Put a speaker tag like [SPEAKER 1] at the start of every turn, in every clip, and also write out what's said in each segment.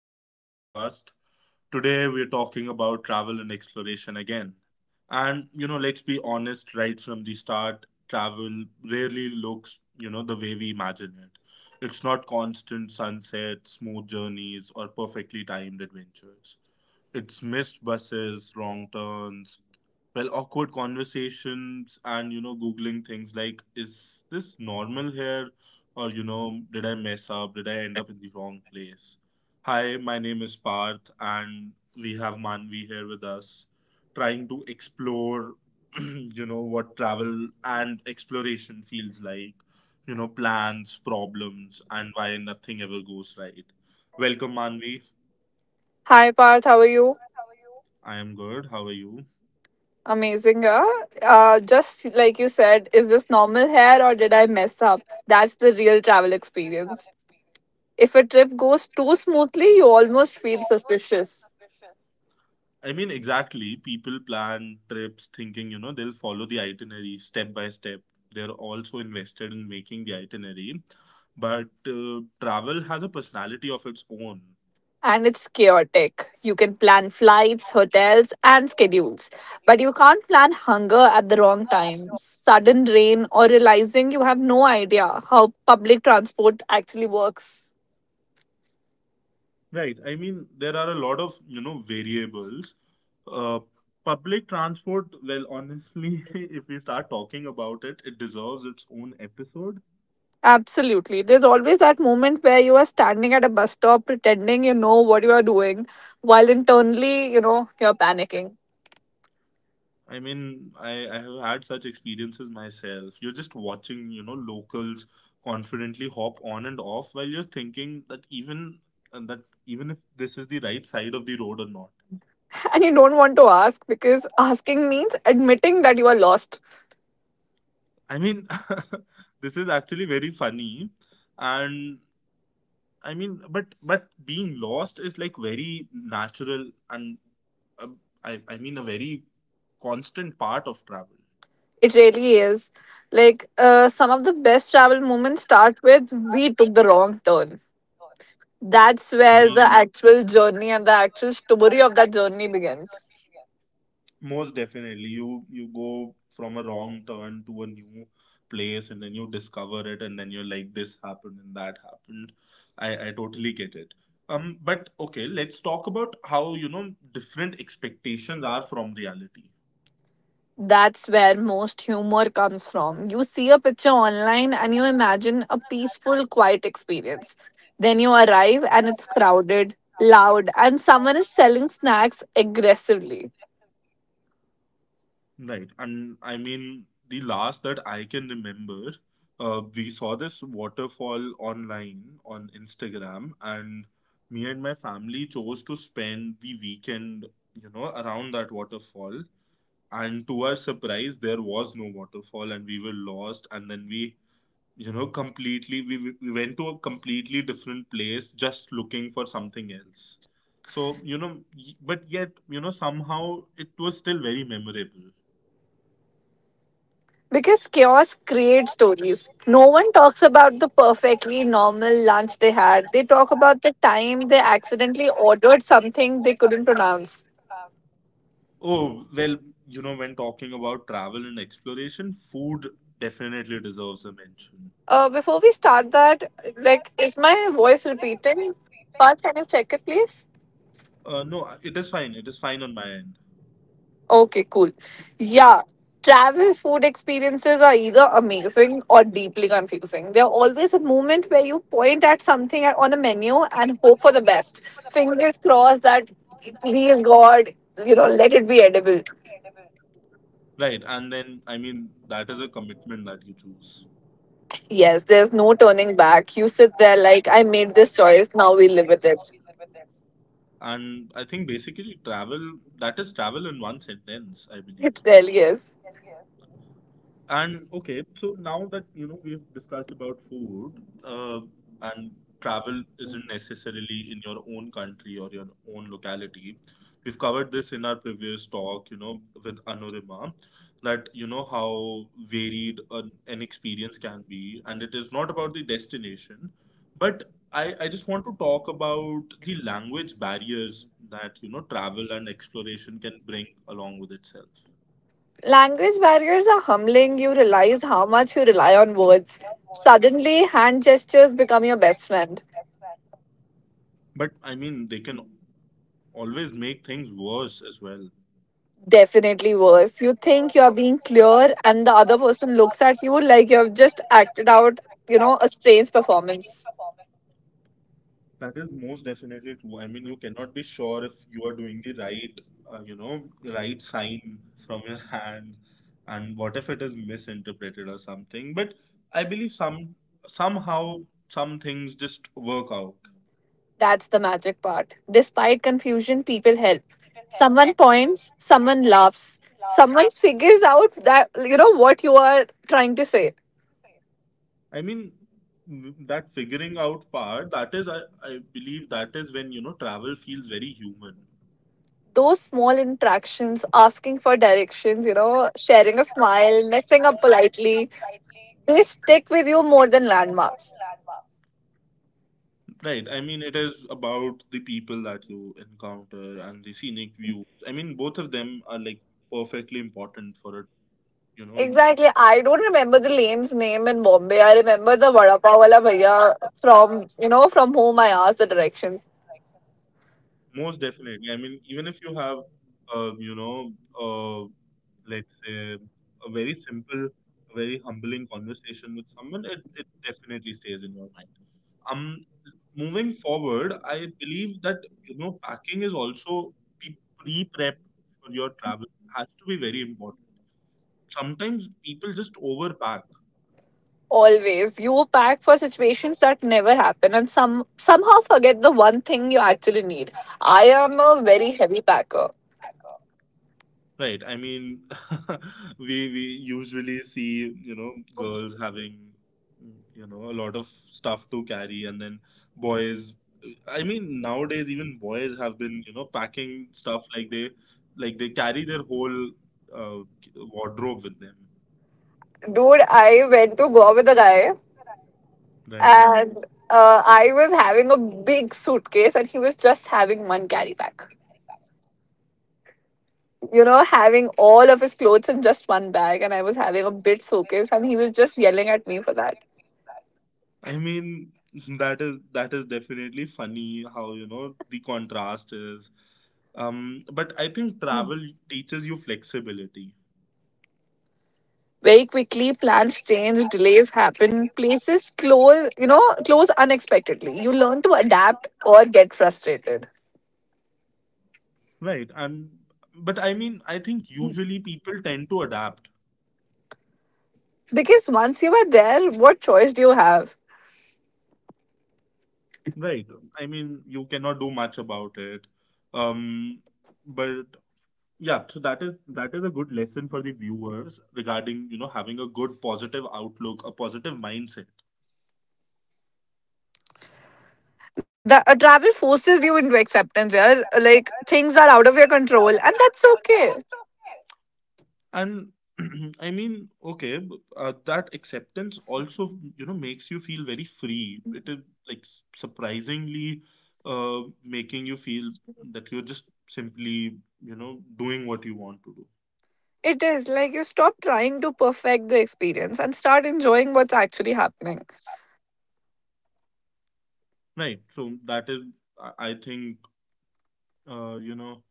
[SPEAKER 1] back to the podcast. Today, we're talking about travel and exploration again. Let's be honest right from the start, travel rarely looks, the way we imagine it. It's not constant sunsets, smooth journeys, or perfectly timed adventures. It's missed buses, wrong turns, well, awkward conversations, and googling things like, is this normal here? Or, did I mess up? Did I end up in the wrong place? Hi, my name is Parth, and we have Manvi here with us, trying to explore, what travel and exploration feels like, plans, problems, and why nothing ever goes right. Welcome, Manvi.
[SPEAKER 2] Hi Parth, how are you?
[SPEAKER 1] I am good. How are you?
[SPEAKER 2] Amazing, yeah. Just like you said, is this normal hair or did I mess up? That's the real travel experience. If a trip goes too smoothly, you almost feel suspicious.
[SPEAKER 1] I mean, exactly. People plan trips thinking, they'll follow the itinerary step by step. They're also invested in making the itinerary. But travel has a personality of its own,
[SPEAKER 2] And it's chaotic. You can plan flights, hotels, and schedules, but you can't plan hunger at the wrong time, sudden rain, or realizing you have no idea how public transport actually works.
[SPEAKER 1] right? I mean, there are a lot of, variables. Uh, public transport, well, honestly, if we start talking about it, it deserves its own episode.
[SPEAKER 2] Absolutely. There's always that moment where you are standing at a bus stop pretending you know what you are doing while internally, you're panicking.
[SPEAKER 1] I mean, I have had such experiences myself. You're just watching, locals confidently hop on and off while you're thinking that even if this is the right side of the road or not.
[SPEAKER 2] And you don't want to ask because asking means admitting that you are lost.
[SPEAKER 1] I mean, this is actually very funny, and I mean, but being lost is like very natural and uh, I mean a very constant part of travel.
[SPEAKER 2] It really is. Like, some of the best travel moments start with we took the wrong turn. That's
[SPEAKER 1] I
[SPEAKER 2] where the
[SPEAKER 1] mean,
[SPEAKER 2] actual journey and the actual story of that journey begins.
[SPEAKER 1] most definitely, you go from a wrong turn to a new place, and then you discover it, and then you're like, this happened and that happened. I totally get it. But okay, let's talk about how different expectations are from reality,
[SPEAKER 2] That's where most humor comes from. You see a picture online and you imagine a peaceful, quiet experience. Then you arrive and it's crowded, loud, and someone is selling snacks aggressively.
[SPEAKER 1] right? And I mean, the last that I can remember, we saw this waterfall online on Instagram, and me and my family chose to spend the weekend, around that waterfall, and to our surprise there was no waterfall and we were lost and then we completely we, we went to a completely different place just looking for something else. So but yet somehow it was still very memorable.
[SPEAKER 2] Because chaos creates stories. No one talks about the perfectly normal lunch they had. They talk about the time they accidentally ordered something they couldn't pronounce.
[SPEAKER 1] Oh well, when talking about travel and exploration, food definitely deserves a mention.
[SPEAKER 2] Before we start that, like, is my voice repeating? Parth, can you check it, please?
[SPEAKER 1] No, it is fine, it is fine on my end.
[SPEAKER 2] Okay, cool. Yeah. Travel food experiences are either amazing or deeply confusing. They're always a moment where you point at on the menu and hope for the best. Fingers crossed that, please God, let it be edible.
[SPEAKER 1] Right, and then I mean that is a commitment that you choose.
[SPEAKER 2] Yes, there's no turning back. You sit there like, I made this choice, now we live with it.
[SPEAKER 1] And I think basically travel, that is travel in one sentence, I
[SPEAKER 2] It
[SPEAKER 1] believe.
[SPEAKER 2] really is.
[SPEAKER 1] And okay, so now that we've discussed about food, uh, and travel isn't necessarily in your own country or your own locality. We've covered this in our previous talk, with Anurima, that how varied an experience can be, and it is not about the destination, but I just want to talk about the language barriers that travel and exploration can bring along with itself.
[SPEAKER 2] Language barriers are humbling. You realize how much you rely on words. Suddenly, hand gestures become your best friend.
[SPEAKER 1] But I mean, they can always make things worse as well.
[SPEAKER 2] Definitely worse. You think you're being clear, and the other person looks at you like you've just acted out, a strange performance.
[SPEAKER 1] That is most definitely true. I mean, you cannot be sure if you are doing the right, right sign from your hand, and what if it is misinterpreted or something. But I believe somehow some things just work out.
[SPEAKER 2] That's the magic part. Despite confusion, people help. Someone points, someone laughs, someone figures out that, what you are trying to say.
[SPEAKER 1] I mean, that figuring out part, that is, I believe that is when, travel feels very human.
[SPEAKER 2] Those small interactions, asking for directions, sharing a smile, messing up politely, they stick with you more than landmarks.
[SPEAKER 1] Right. I mean, it is about the people that you encounter and the scenic views. I mean, both of them are like perfectly important for it, you know,
[SPEAKER 2] Exactly. I don't remember the lane's name in Bombay. I remember the Vada Pav wala bhaiya from whom I asked the direction.
[SPEAKER 1] most definitely. I mean, even if you have, um, you know, uh, let's say a very simple, a very humbling conversation with someone, it definitely stays in your mind. Um, moving forward, I believe that, packing is also the prep for your travel has to be very important. Sometimes people just overpack.
[SPEAKER 2] Always. You pack for situations that never happen and somehow forget the one thing you actually need. I am a very heavy packer.
[SPEAKER 1] Right. I mean, we usually see, girls having, a lot of stuff to carry, and then boys. I mean, nowadays even boys have been, packing stuff like they carry their whole uh, wardrobe with them.
[SPEAKER 2] Dude, I went to Goa with a guy
[SPEAKER 1] Right.
[SPEAKER 2] and I was having a big suitcase and he was just having one carry pack. You know, having all of his clothes in just one bag, and I was having a bit showcase, and he was just yelling at me for that.
[SPEAKER 1] I mean, that is definitely funny how, the contrast is. But I think travel teaches you flexibility.
[SPEAKER 2] Very quickly, plans change, delays happen, places close unexpectedly. You learn to adapt or get frustrated.
[SPEAKER 1] Right. And but I mean, I think usually people tend to adapt,
[SPEAKER 2] Because once you are there, what choice do you have?
[SPEAKER 1] right? I mean, you cannot do much about it. Um, but yeah, so that is a good lesson for the viewers regarding, having a good positive outlook, a positive mindset.
[SPEAKER 2] The travel forces you into acceptance, yeah. Like things are out of your control, and that's okay.
[SPEAKER 1] And I mean okay that acceptance also makes you feel very free. It is like surprisingly making you feel that you're just simply doing what you want to do.
[SPEAKER 2] It is like you stop trying to perfect the experience and start enjoying what's actually happening.
[SPEAKER 1] Right, so that is I think, uh, you know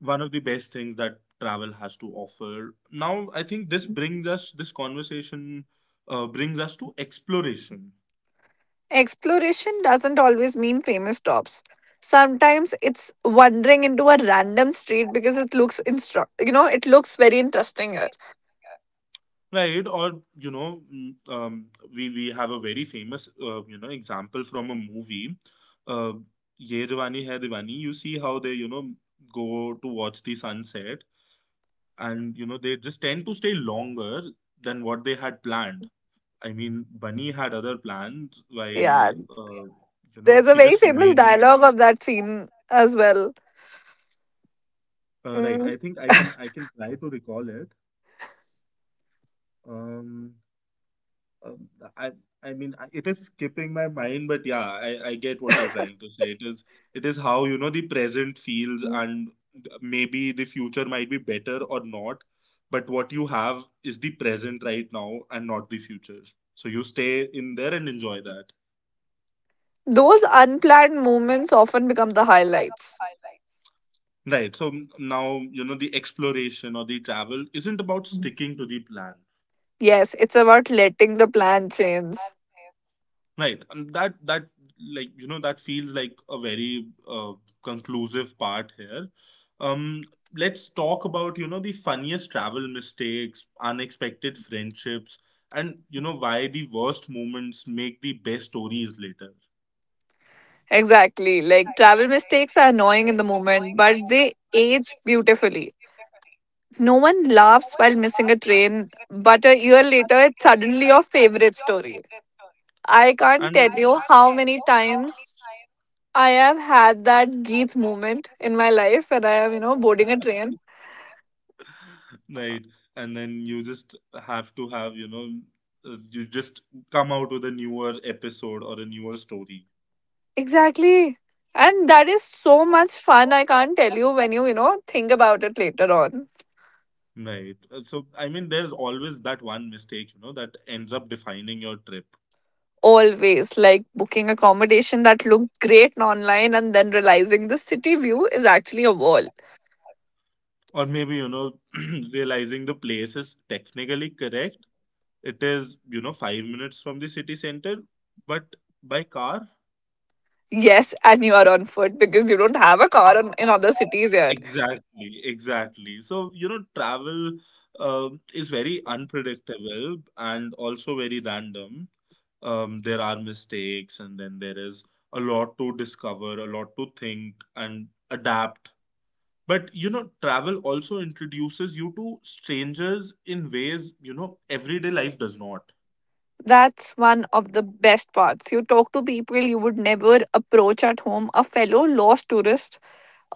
[SPEAKER 1] one of the best things that travel has to offer. Now I think this brings us, this conversation brings us to exploration.
[SPEAKER 2] Exploration doesn't always mean famous stops. Sometimes it's wandering into a random street because it looks it looks very interesting here.
[SPEAKER 1] Right, or we have a very famous example from a movie, uh, Ye Jawani Hai Diwani. You see how they go to watch the sunset, and they just tend to stay longer than what they had planned. I mean, Bunny had other plans,
[SPEAKER 2] Yeah.
[SPEAKER 1] while you know
[SPEAKER 2] There's a
[SPEAKER 1] she
[SPEAKER 2] very
[SPEAKER 1] just
[SPEAKER 2] famous
[SPEAKER 1] made him.
[SPEAKER 2] dialogue of that scene as well.
[SPEAKER 1] Right,
[SPEAKER 2] Mm.
[SPEAKER 1] I think I can try to recall it. Um, Um, I I mean it is skipping my mind, but yeah, I get what you're trying to say. It is how the present feels, and maybe the future might be better or not, but what you have is the present right now and not the future. So you stay in there and enjoy that.
[SPEAKER 2] Those unplanned movements often become the highlights.
[SPEAKER 1] Right. So now you know the exploration or the travel isn't about sticking to the plan.
[SPEAKER 2] Yes, it's about letting the plan change.
[SPEAKER 1] Right. And that like that feels like a very conclusive part here. Um, let's talk about the funniest travel mistakes, unexpected friendships, and why the worst moments make the best stories later.
[SPEAKER 2] Exactly. Like travel mistakes are annoying in the moment, but they age beautifully. No one laughs while missing a train, but a year later, it's suddenly your favorite story. I can't
[SPEAKER 1] And
[SPEAKER 2] tell you how many times I have had that Geeth moment in my life when I am, boarding a train.
[SPEAKER 1] many times, right, and then you just have to have you just come out with a newer episode or a newer story.
[SPEAKER 2] Exactly. And that is so much fun. I can't tell you when you, think about it later on.
[SPEAKER 1] Right. So, I mean, there's always that one mistake, that ends up defining your trip.
[SPEAKER 2] Always like booking accommodation that looks great online and then realizing the city view is actually a wall.
[SPEAKER 1] Or maybe, realizing the place is technically correct. It is, 5 minutes from the city center, but by car?
[SPEAKER 2] Yes, and you are on foot because you don't have a car on, in other cities here.
[SPEAKER 1] Exactly, exactly. So, travel is very unpredictable and also very random. There are mistakes, and then there is a lot to discover, a lot to think and adapt. But travel also introduces you to strangers in ways, everyday life does not.
[SPEAKER 2] That's one of the best parts. You talk to people you would never approach at home, a fellow lost tourist,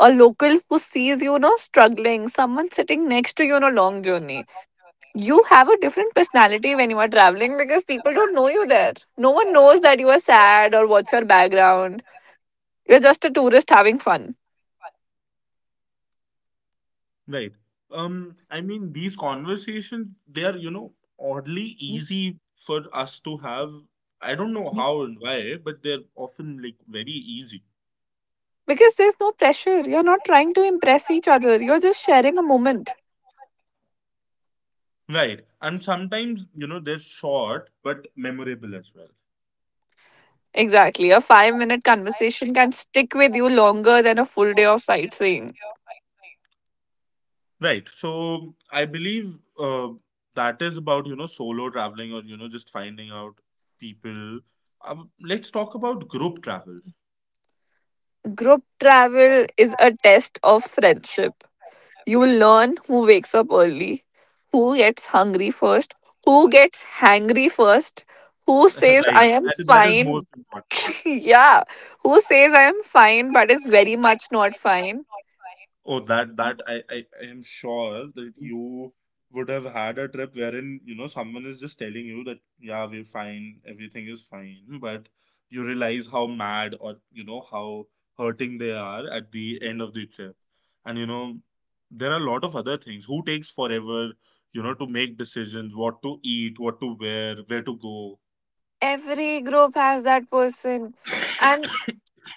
[SPEAKER 2] a local who sees you, struggling, someone sitting next to you on a long journey. You have a different personality when you are traveling because people don't know you there. No one knows that you are sad or what's your background. You're just a tourist having fun.
[SPEAKER 1] Right. I mean, these conversations, they are, oddly easy for us to have. I don't know how and why, but they're often like very easy.
[SPEAKER 2] Because there's no pressure. You're not trying to impress each other. You're just sharing a moment.
[SPEAKER 1] Right. And sometimes, they're short but memorable as well.
[SPEAKER 2] Exactly. A 5 minute conversation can stick with you longer than a full day of sightseeing.
[SPEAKER 1] Right. So I believe that is about, solo traveling or, just finding out people. Let's talk about group travel.
[SPEAKER 2] Group travel is a test of friendship. You will learn who wakes up early, who gets hungry first, who gets hangry first, who says,
[SPEAKER 1] Right.
[SPEAKER 2] I am
[SPEAKER 1] That is
[SPEAKER 2] fine.
[SPEAKER 1] most important.
[SPEAKER 2] Yeah. Who says, I am fine, but is very much not fine.
[SPEAKER 1] Oh, that that I am sure that you would have had a trip wherein, someone is just telling you that yeah, we're fine, everything is fine, but you realize how mad or how hurting they are at the end of the trip. And there are a lot of other things. Who takes forever, to make decisions, what to eat, what to wear, where to go.
[SPEAKER 2] Every group has that person, and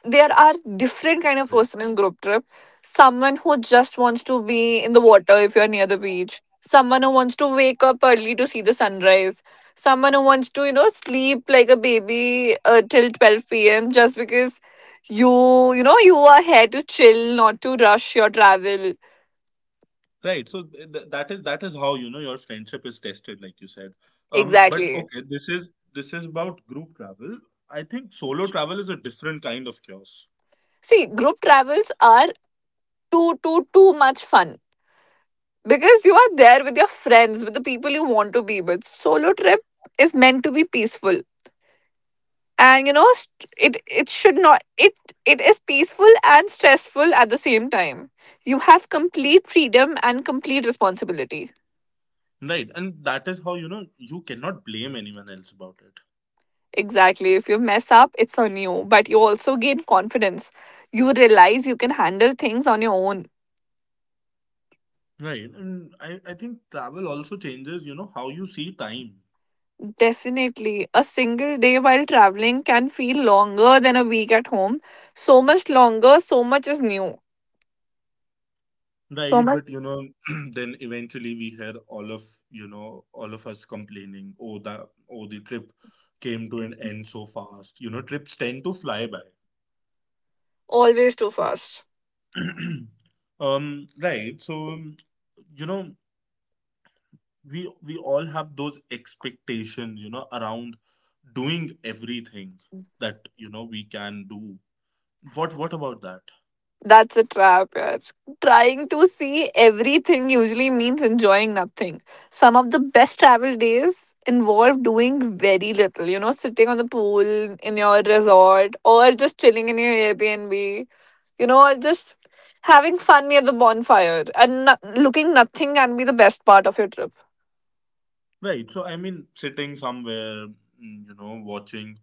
[SPEAKER 2] there are different kind of person in group trip. Someone who just wants to be in the water if you're near the beach, someone who wants to wake up early to see the sunrise, someone who wants to sleep like a baby till 12 p.m. just because you know you are here to chill, not to rush your travel.
[SPEAKER 1] Right. So that is how your friendship is tested, like you said. But
[SPEAKER 2] Exactly.
[SPEAKER 1] okay, this is about group travel. I think solo travel is a different kind of chaos.
[SPEAKER 2] See, group travels are too much fun because you are there with your friends, with the people you want to be with. Solo trip is meant to be peaceful, and you know st- it should not it it is peaceful and stressful at the same time. You have complete freedom and complete responsibility.
[SPEAKER 1] Right. And that is how you cannot blame anyone else about it.
[SPEAKER 2] Exactly, if you mess up it's on you, but you also gain confidence. You realize you can handle things on your own.
[SPEAKER 1] Right. And I think travel also changes, how you see time.
[SPEAKER 2] Definitely. A single day while traveling can feel longer than a week at home. So much longer, so much is new, so
[SPEAKER 1] Right.
[SPEAKER 2] much
[SPEAKER 1] But then eventually we hear all of all of us complaining, oh the oh, the trip came to an end so fast. You know, trips tend to fly by.
[SPEAKER 2] Always too fast.
[SPEAKER 1] Um, right. So, um, you know, we all have those expectations, around doing everything that, we can do. What about that?
[SPEAKER 2] That's a trap, yeah. Trying to see everything usually means enjoying nothing. Some of the best travel days involve doing very little, you know, sitting on the pool in your resort or just chilling in your Airbnb, you know, or just having fun near the bonfire, and looking nothing can be the best part of your trip.
[SPEAKER 1] Right. So, I mean, sitting somewhere, watching,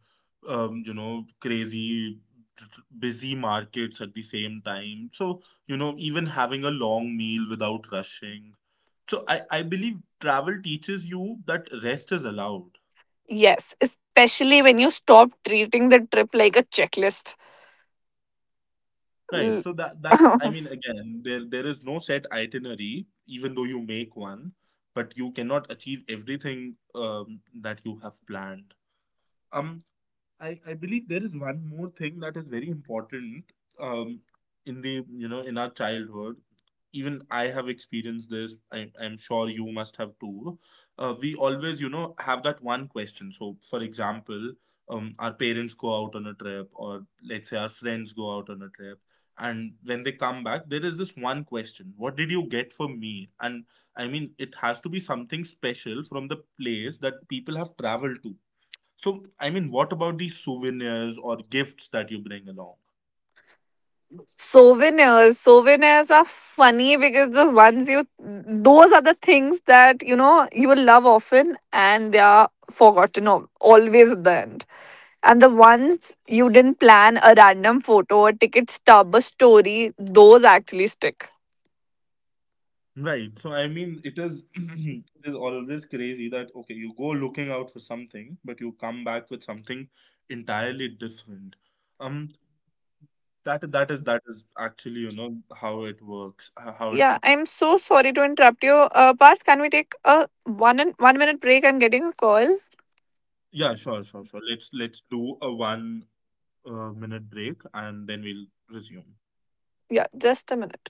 [SPEAKER 1] crazy busy markets at the same time. So, even having a long meal without rushing. So I believe travel teaches you that rest is allowed.
[SPEAKER 2] Yes, especially when you stop treating the trip like a checklist.
[SPEAKER 1] Right. So
[SPEAKER 2] L-
[SPEAKER 1] that I mean again, there is no set itinerary, even though you make one, but you cannot achieve everything that you have planned. Um, I believe there is one more thing that is very important um, in the in our childhood. Even I have experienced this. I'm sure you must have too. We always have that one question. So for example, our parents go out on a trip, or let's say our friends go out on a trip, and when they come back, there is this one question: What did you get for me? And I mean, it has to be something special from the place that people have traveled to. So, I mean, what about the souvenirs or gifts that you bring along?
[SPEAKER 2] souvenirs are funny because the ones you those are the things that you know you will love often and they are forgotten always at the end, and the ones you didn't plan, a random photo, a ticket stub, a story, those actually stick.
[SPEAKER 1] Right. So, I mean, it is it is always crazy that, okay, you go looking out for something, but you come back with something entirely different. Um, that is actually how it works. H- How it
[SPEAKER 2] Yeah, I'm so sorry to interrupt you, Parth, can we take a 1 and 1 minute break? I'm getting a call.
[SPEAKER 1] Yeah, sure, sure, sure. Let's do a one minute break, and then we'll resume.
[SPEAKER 2] Yeah, just a minute.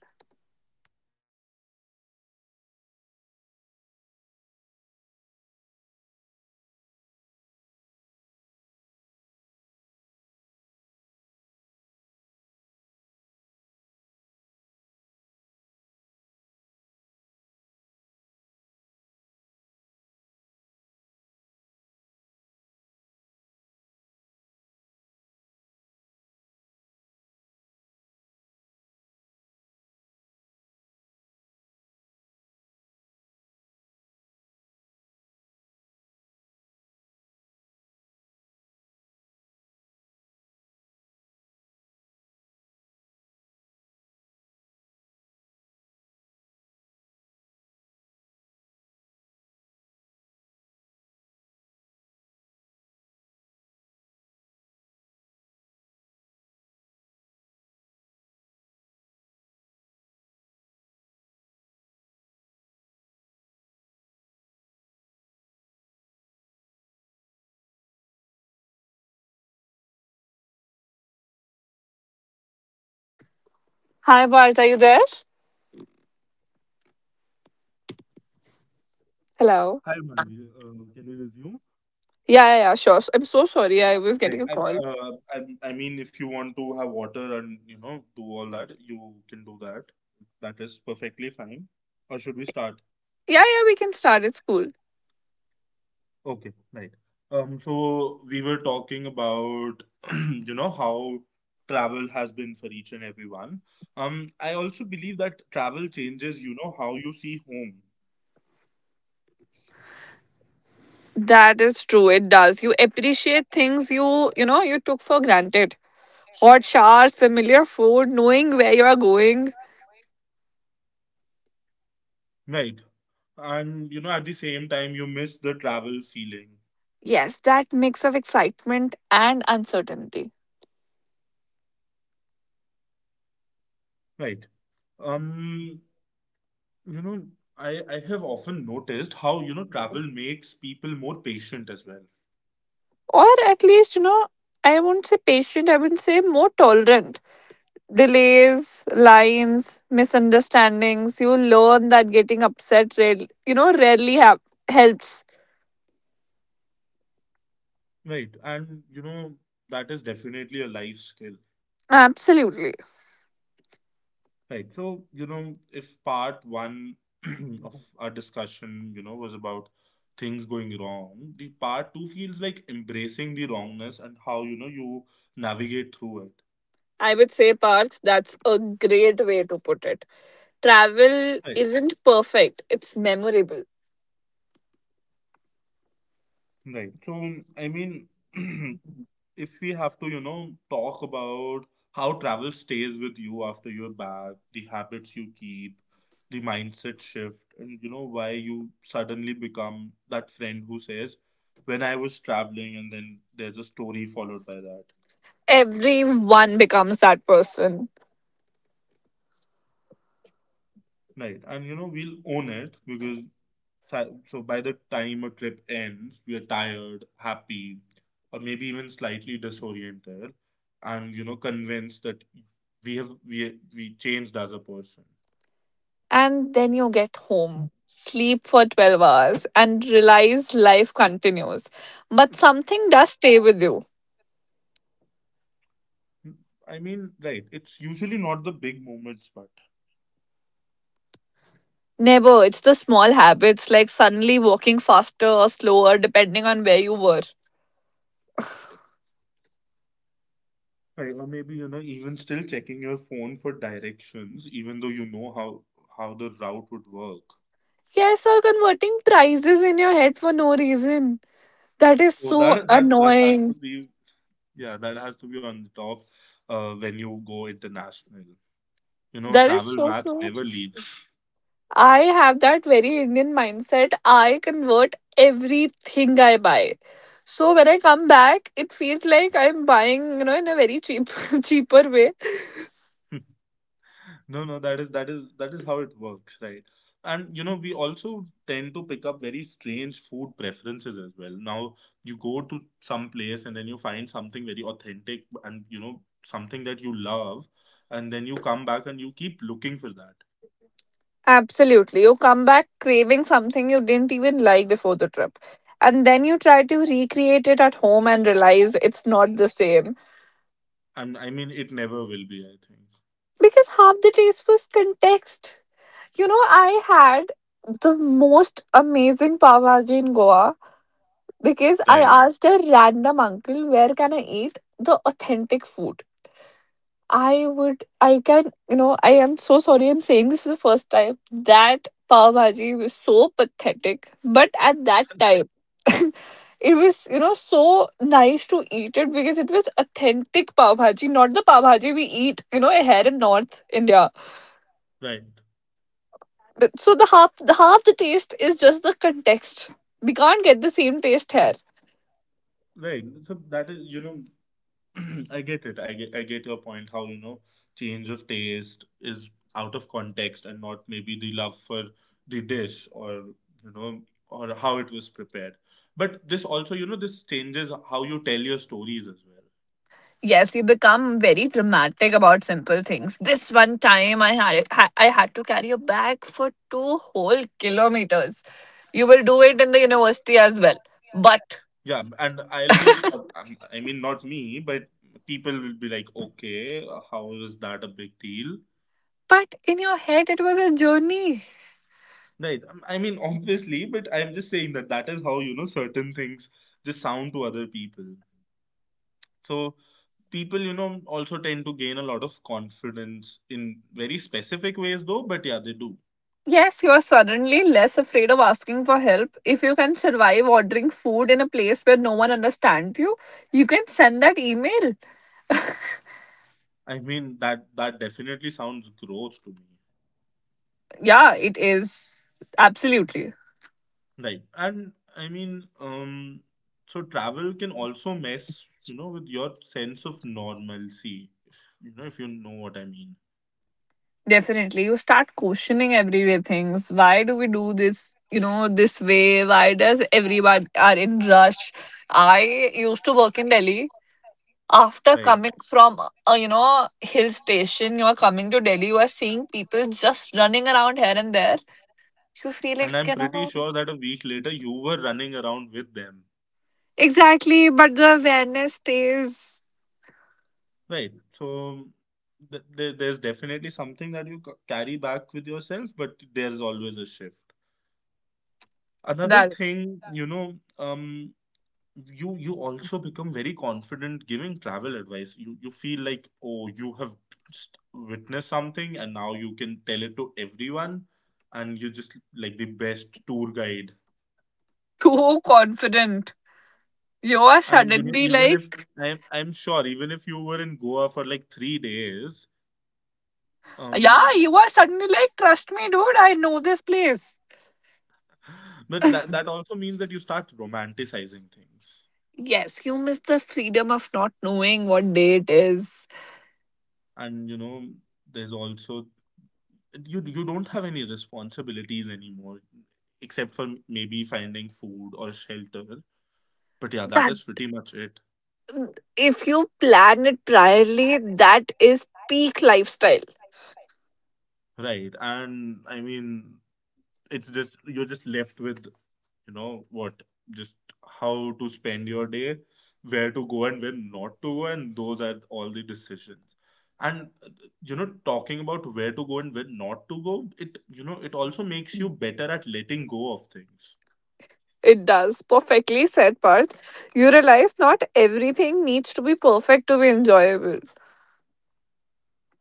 [SPEAKER 2] Hi, Bart, are you there? Hello.
[SPEAKER 1] Hi, Manvi. Can we resume?
[SPEAKER 2] Yeah, yeah, yeah, sure. I'm so sorry. I was getting
[SPEAKER 1] Right.
[SPEAKER 2] a
[SPEAKER 1] I,
[SPEAKER 2] call.
[SPEAKER 1] uh, I, I mean, if you want to have water and, do all that, you can do that. That is perfectly fine. Or should we start?
[SPEAKER 2] Yeah, yeah, we can start. It's cool.
[SPEAKER 1] Okay, right. So we were talking about, how travel has been for each and everyone. I also believe that travel changes, how you see home.
[SPEAKER 2] That is true. It does. You appreciate things you took for granted. Hot showers, familiar food, knowing where you are going.
[SPEAKER 1] Right. And, at the same time, you miss the travel feeling.
[SPEAKER 2] Yes, that mix of excitement and uncertainty.
[SPEAKER 1] Right. Um, You know, I have often noticed how, travel makes people more patient as well.
[SPEAKER 2] Or at least, I won't say patient, I would say more tolerant. Delays, lines, misunderstandings. You learn that getting upset, rarely, rarely helps.
[SPEAKER 1] Right. And, that is definitely a life skill.
[SPEAKER 2] Absolutely.
[SPEAKER 1] Right. So, if part one of our discussion, was about things going wrong, the part two feels like embracing the wrongness and how, you navigate through it.
[SPEAKER 2] I would say, Parth, that's a great way to put it. Travel
[SPEAKER 1] Right.
[SPEAKER 2] isn't perfect, it's memorable.
[SPEAKER 1] Right. So, I mean, if we have to, talk about how travel stays with you after you're back, the habits you keep, the mindset shift, and why you suddenly become that friend who says, when I was traveling, and then there's a story followed by that.
[SPEAKER 2] Everyone becomes that person.
[SPEAKER 1] Right. And we'll own it, because so by the time a trip ends, we are tired, happy, or maybe even slightly disoriented, and convinced that we have we changed as a person.
[SPEAKER 2] And then you get home, sleep for 12 hours, and realize life continues. But something does stay with you.
[SPEAKER 1] I mean, right, it's usually not the big moments, but
[SPEAKER 2] Never. It's the small habits like suddenly walking faster or slower depending on where you were.
[SPEAKER 1] right, or maybe even still checking your phone for directions, even though you know how the route would work.
[SPEAKER 2] Yes, or converting prices in your head for no reason. That is
[SPEAKER 1] So
[SPEAKER 2] so
[SPEAKER 1] that has to
[SPEAKER 2] annoying.
[SPEAKER 1] be, yeah, that has to be on the top when you go international. You know,
[SPEAKER 2] That is
[SPEAKER 1] travel
[SPEAKER 2] so
[SPEAKER 1] math
[SPEAKER 2] true.
[SPEAKER 1] never leaves.
[SPEAKER 2] I have that very Indian mindset. I convert everything I buy. So when I come back, it feels like I'm buying, you know, in a very cheap cheaper way.
[SPEAKER 1] No, no, that is how it works, right? And we also tend to pick up very strange food preferences as well. Now, you go to some place and then you find something very authentic and something that you love, and then you come back and you keep looking for that.
[SPEAKER 2] Absolutely. You come back craving something you didn't even like before the trip. And then you try to recreate it at home and realize it's not the same.
[SPEAKER 1] And I mean, it never will be, I think.
[SPEAKER 2] Because half the taste was context. You know, I had the most amazing pav bhaji in Goa because I
[SPEAKER 1] Right,
[SPEAKER 2] asked a random uncle, where can I eat the authentic food? I would, I can, you know, I am so sorry I'm saying this for the first time. That pav bhaji was so pathetic. But at that time, it was, you know, so nice to eat it because it was authentic pav bhaji, not the pav bhaji we eat, you know, here in North India.
[SPEAKER 1] right,
[SPEAKER 2] So the half the taste is just the context. We can't get the same taste here.
[SPEAKER 1] right. So that is, I get it. I get your point how change of taste is out of context and not maybe the love for the dish, or or how it was prepared. But this also this changes how you tell your stories as well.
[SPEAKER 2] Yes, you become very dramatic about simple things. This one time I had to carry a bag for 2 whole kilometers. You will do it in the university as well, but
[SPEAKER 1] Yeah, and I'll be, or I mean, not me, but people will be like, okay, how is that a big deal?
[SPEAKER 2] but in your head it was a journey.
[SPEAKER 1] Right. I mean, obviously, but I'm just saying that that is how certain things just sound to other people. So people, also tend to gain a lot of confidence in very specific ways though, but yeah, they do.
[SPEAKER 2] Yes, you are suddenly less afraid of asking for help. If you can survive ordering food in a place where no one understands you, you can send that email.
[SPEAKER 1] I mean, that definitely sounds growth to me.
[SPEAKER 2] Yeah, it is. Absolutely.
[SPEAKER 1] Right. And I mean, so travel can also mess, with your sense of normalcy, if you know what I mean.
[SPEAKER 2] Definitely. You start questioning everyday things. Why do we do this? You know, this way? Why does everyone are in rush? I used to work in Delhi. After
[SPEAKER 1] Right.
[SPEAKER 2] coming from, you know, hill station, you are coming to Delhi, you are seeing people just running around here and there. You feel like,
[SPEAKER 1] And I'm
[SPEAKER 2] you
[SPEAKER 1] pretty
[SPEAKER 2] know,
[SPEAKER 1] sure that a week later you were running around with them.
[SPEAKER 2] exactly, but the awareness stays.
[SPEAKER 1] Right. So there's definitely something that you carry back with yourself, but there's always a shift. Another
[SPEAKER 2] That
[SPEAKER 1] thing, you also become very confident giving travel advice. You feel like, oh, you have just witnessed something, and now you can tell it to everyone, and you're just like the best tour guide.
[SPEAKER 2] Too confident. You are
[SPEAKER 1] And
[SPEAKER 2] suddenly
[SPEAKER 1] even if
[SPEAKER 2] like,
[SPEAKER 1] I'm sure, even if you were in Goa for like 3 days,
[SPEAKER 2] yeah,
[SPEAKER 1] um
[SPEAKER 2] you are suddenly like, trust me, dude, I know this place.
[SPEAKER 1] but that also means that you start romanticizing things.
[SPEAKER 2] Yes, you miss the freedom of not knowing what day it is.
[SPEAKER 1] And there's also, you don't have any responsibilities anymore, except for maybe finding food or shelter, but yeah, that
[SPEAKER 2] But
[SPEAKER 1] is pretty much it.
[SPEAKER 2] if you plan it priorly, that is peak lifestyle.
[SPEAKER 1] Right. And I mean, it's just, you're just left with, what, just how to spend your day, where to go and where not to go, and those are all the decisions. And talking about where to go and where not to go, it also makes you better at letting go of things.
[SPEAKER 2] It does. Perfectly said, Parth. You realize not everything needs to be perfect to be enjoyable.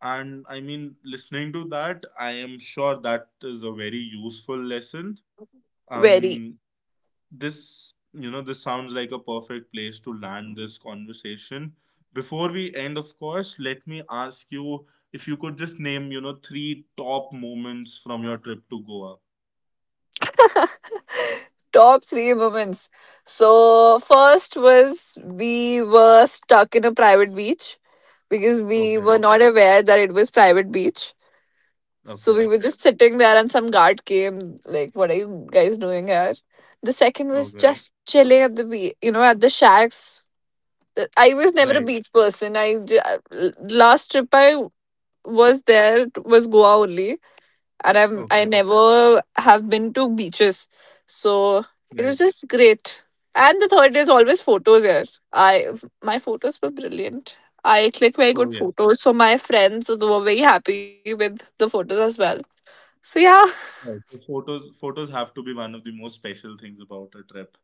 [SPEAKER 1] And I mean, listening to that, I am sure that is a very useful lesson.
[SPEAKER 2] Very.
[SPEAKER 1] Um this you know this sounds like a perfect place to land this conversation. Before we end, of course, let me ask you, if you could just name, three top moments from your trip to Goa.
[SPEAKER 2] Top three moments. So first was we were stuck in a private beach because we were
[SPEAKER 1] Okay.
[SPEAKER 2] not aware that it was private beach. So
[SPEAKER 1] Okay.
[SPEAKER 2] we were just sitting there and some guard came like, "What are you guys doing here?" The second was
[SPEAKER 1] Okay.
[SPEAKER 2] just chilling at the beach, you know, at the shacks. I was never a
[SPEAKER 1] Right.
[SPEAKER 2] beach person. Last trip I was there was Goa only, and I
[SPEAKER 1] Okay.
[SPEAKER 2] never have been to beaches, so it
[SPEAKER 1] Right.
[SPEAKER 2] was just great. And the third is always photos here. I My photos were brilliant. I click very
[SPEAKER 1] Oh,
[SPEAKER 2] good
[SPEAKER 1] yes.
[SPEAKER 2] photos, so my friends they were very happy with the photos as well. So yeah,
[SPEAKER 1] Right. So photos have to be one of the most special things about a trip.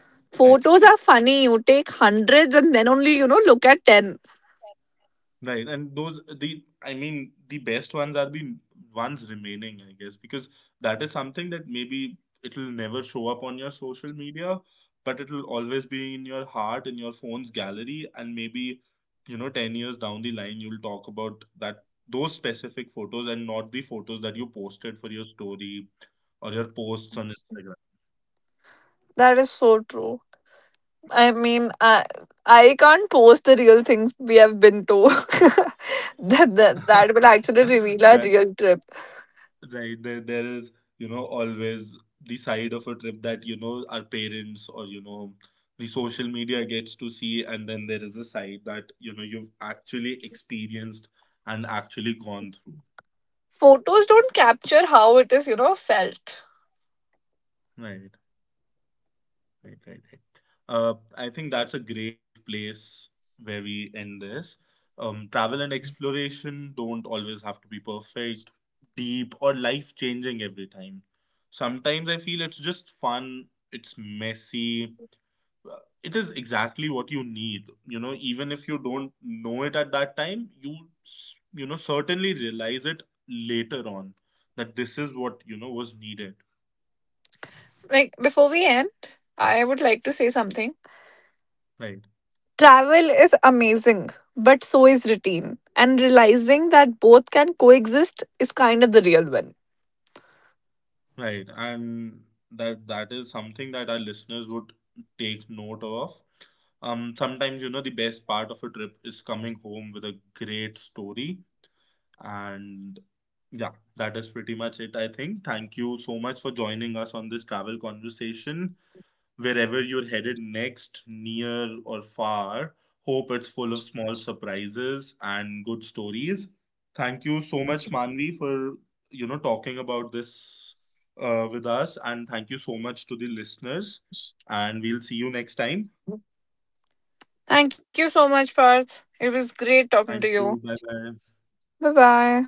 [SPEAKER 2] photos are funny. You take hundreds and then only you know look at 10.
[SPEAKER 1] Right. And those the I mean, the best ones are the ones remaining, I guess, because that is something that maybe it'll never show up on your social media, but it'll always be in your heart, in your phone's gallery, and maybe 10 years down the line you'll talk about that those specific photos and not the photos that you posted for your story or your posts on
[SPEAKER 2] That is so true. I mean, I can't post the real things we have been to.
[SPEAKER 1] Instagram.
[SPEAKER 2] That will actually reveal our
[SPEAKER 1] That.
[SPEAKER 2] real trip.
[SPEAKER 1] Right, there is, always the side of a trip that, our parents or, the social media gets to see, and then there is a side that, you've actually experienced and actually gone through.
[SPEAKER 2] Photos don't capture how it is, you know, felt.
[SPEAKER 1] Right, right, right, right. I think that's a great place where we end this. Travel and exploration don't always have to be perfect, deep, or life-changing every time. Sometimes I feel it's just fun, it's messy, it is exactly what you need, even if you don't know it at that time, you s- you know certainly realize it later on, that this is what was needed.
[SPEAKER 2] Like before we end, I would like to say something.
[SPEAKER 1] Right,
[SPEAKER 2] Travel is amazing, but so is routine. And realizing that both can coexist is kind of the real win.
[SPEAKER 1] right. And that is something that our listeners would take note of. Sometimes the best part of a trip is coming home with a great story. And yeah, that is pretty much it, I think. Thank you so much for joining us on this travel conversation. Wherever you're headed next, near or far, hope it's full of small surprises and good stories. Thank you so much, Manvi, for talking about this, with us, and thank you so much to the listeners. And we'll see you next time.
[SPEAKER 2] Thank you so much, Parth. It was great talking to
[SPEAKER 1] Thank
[SPEAKER 2] you.
[SPEAKER 1] you. Bye bye.
[SPEAKER 2] Bye bye.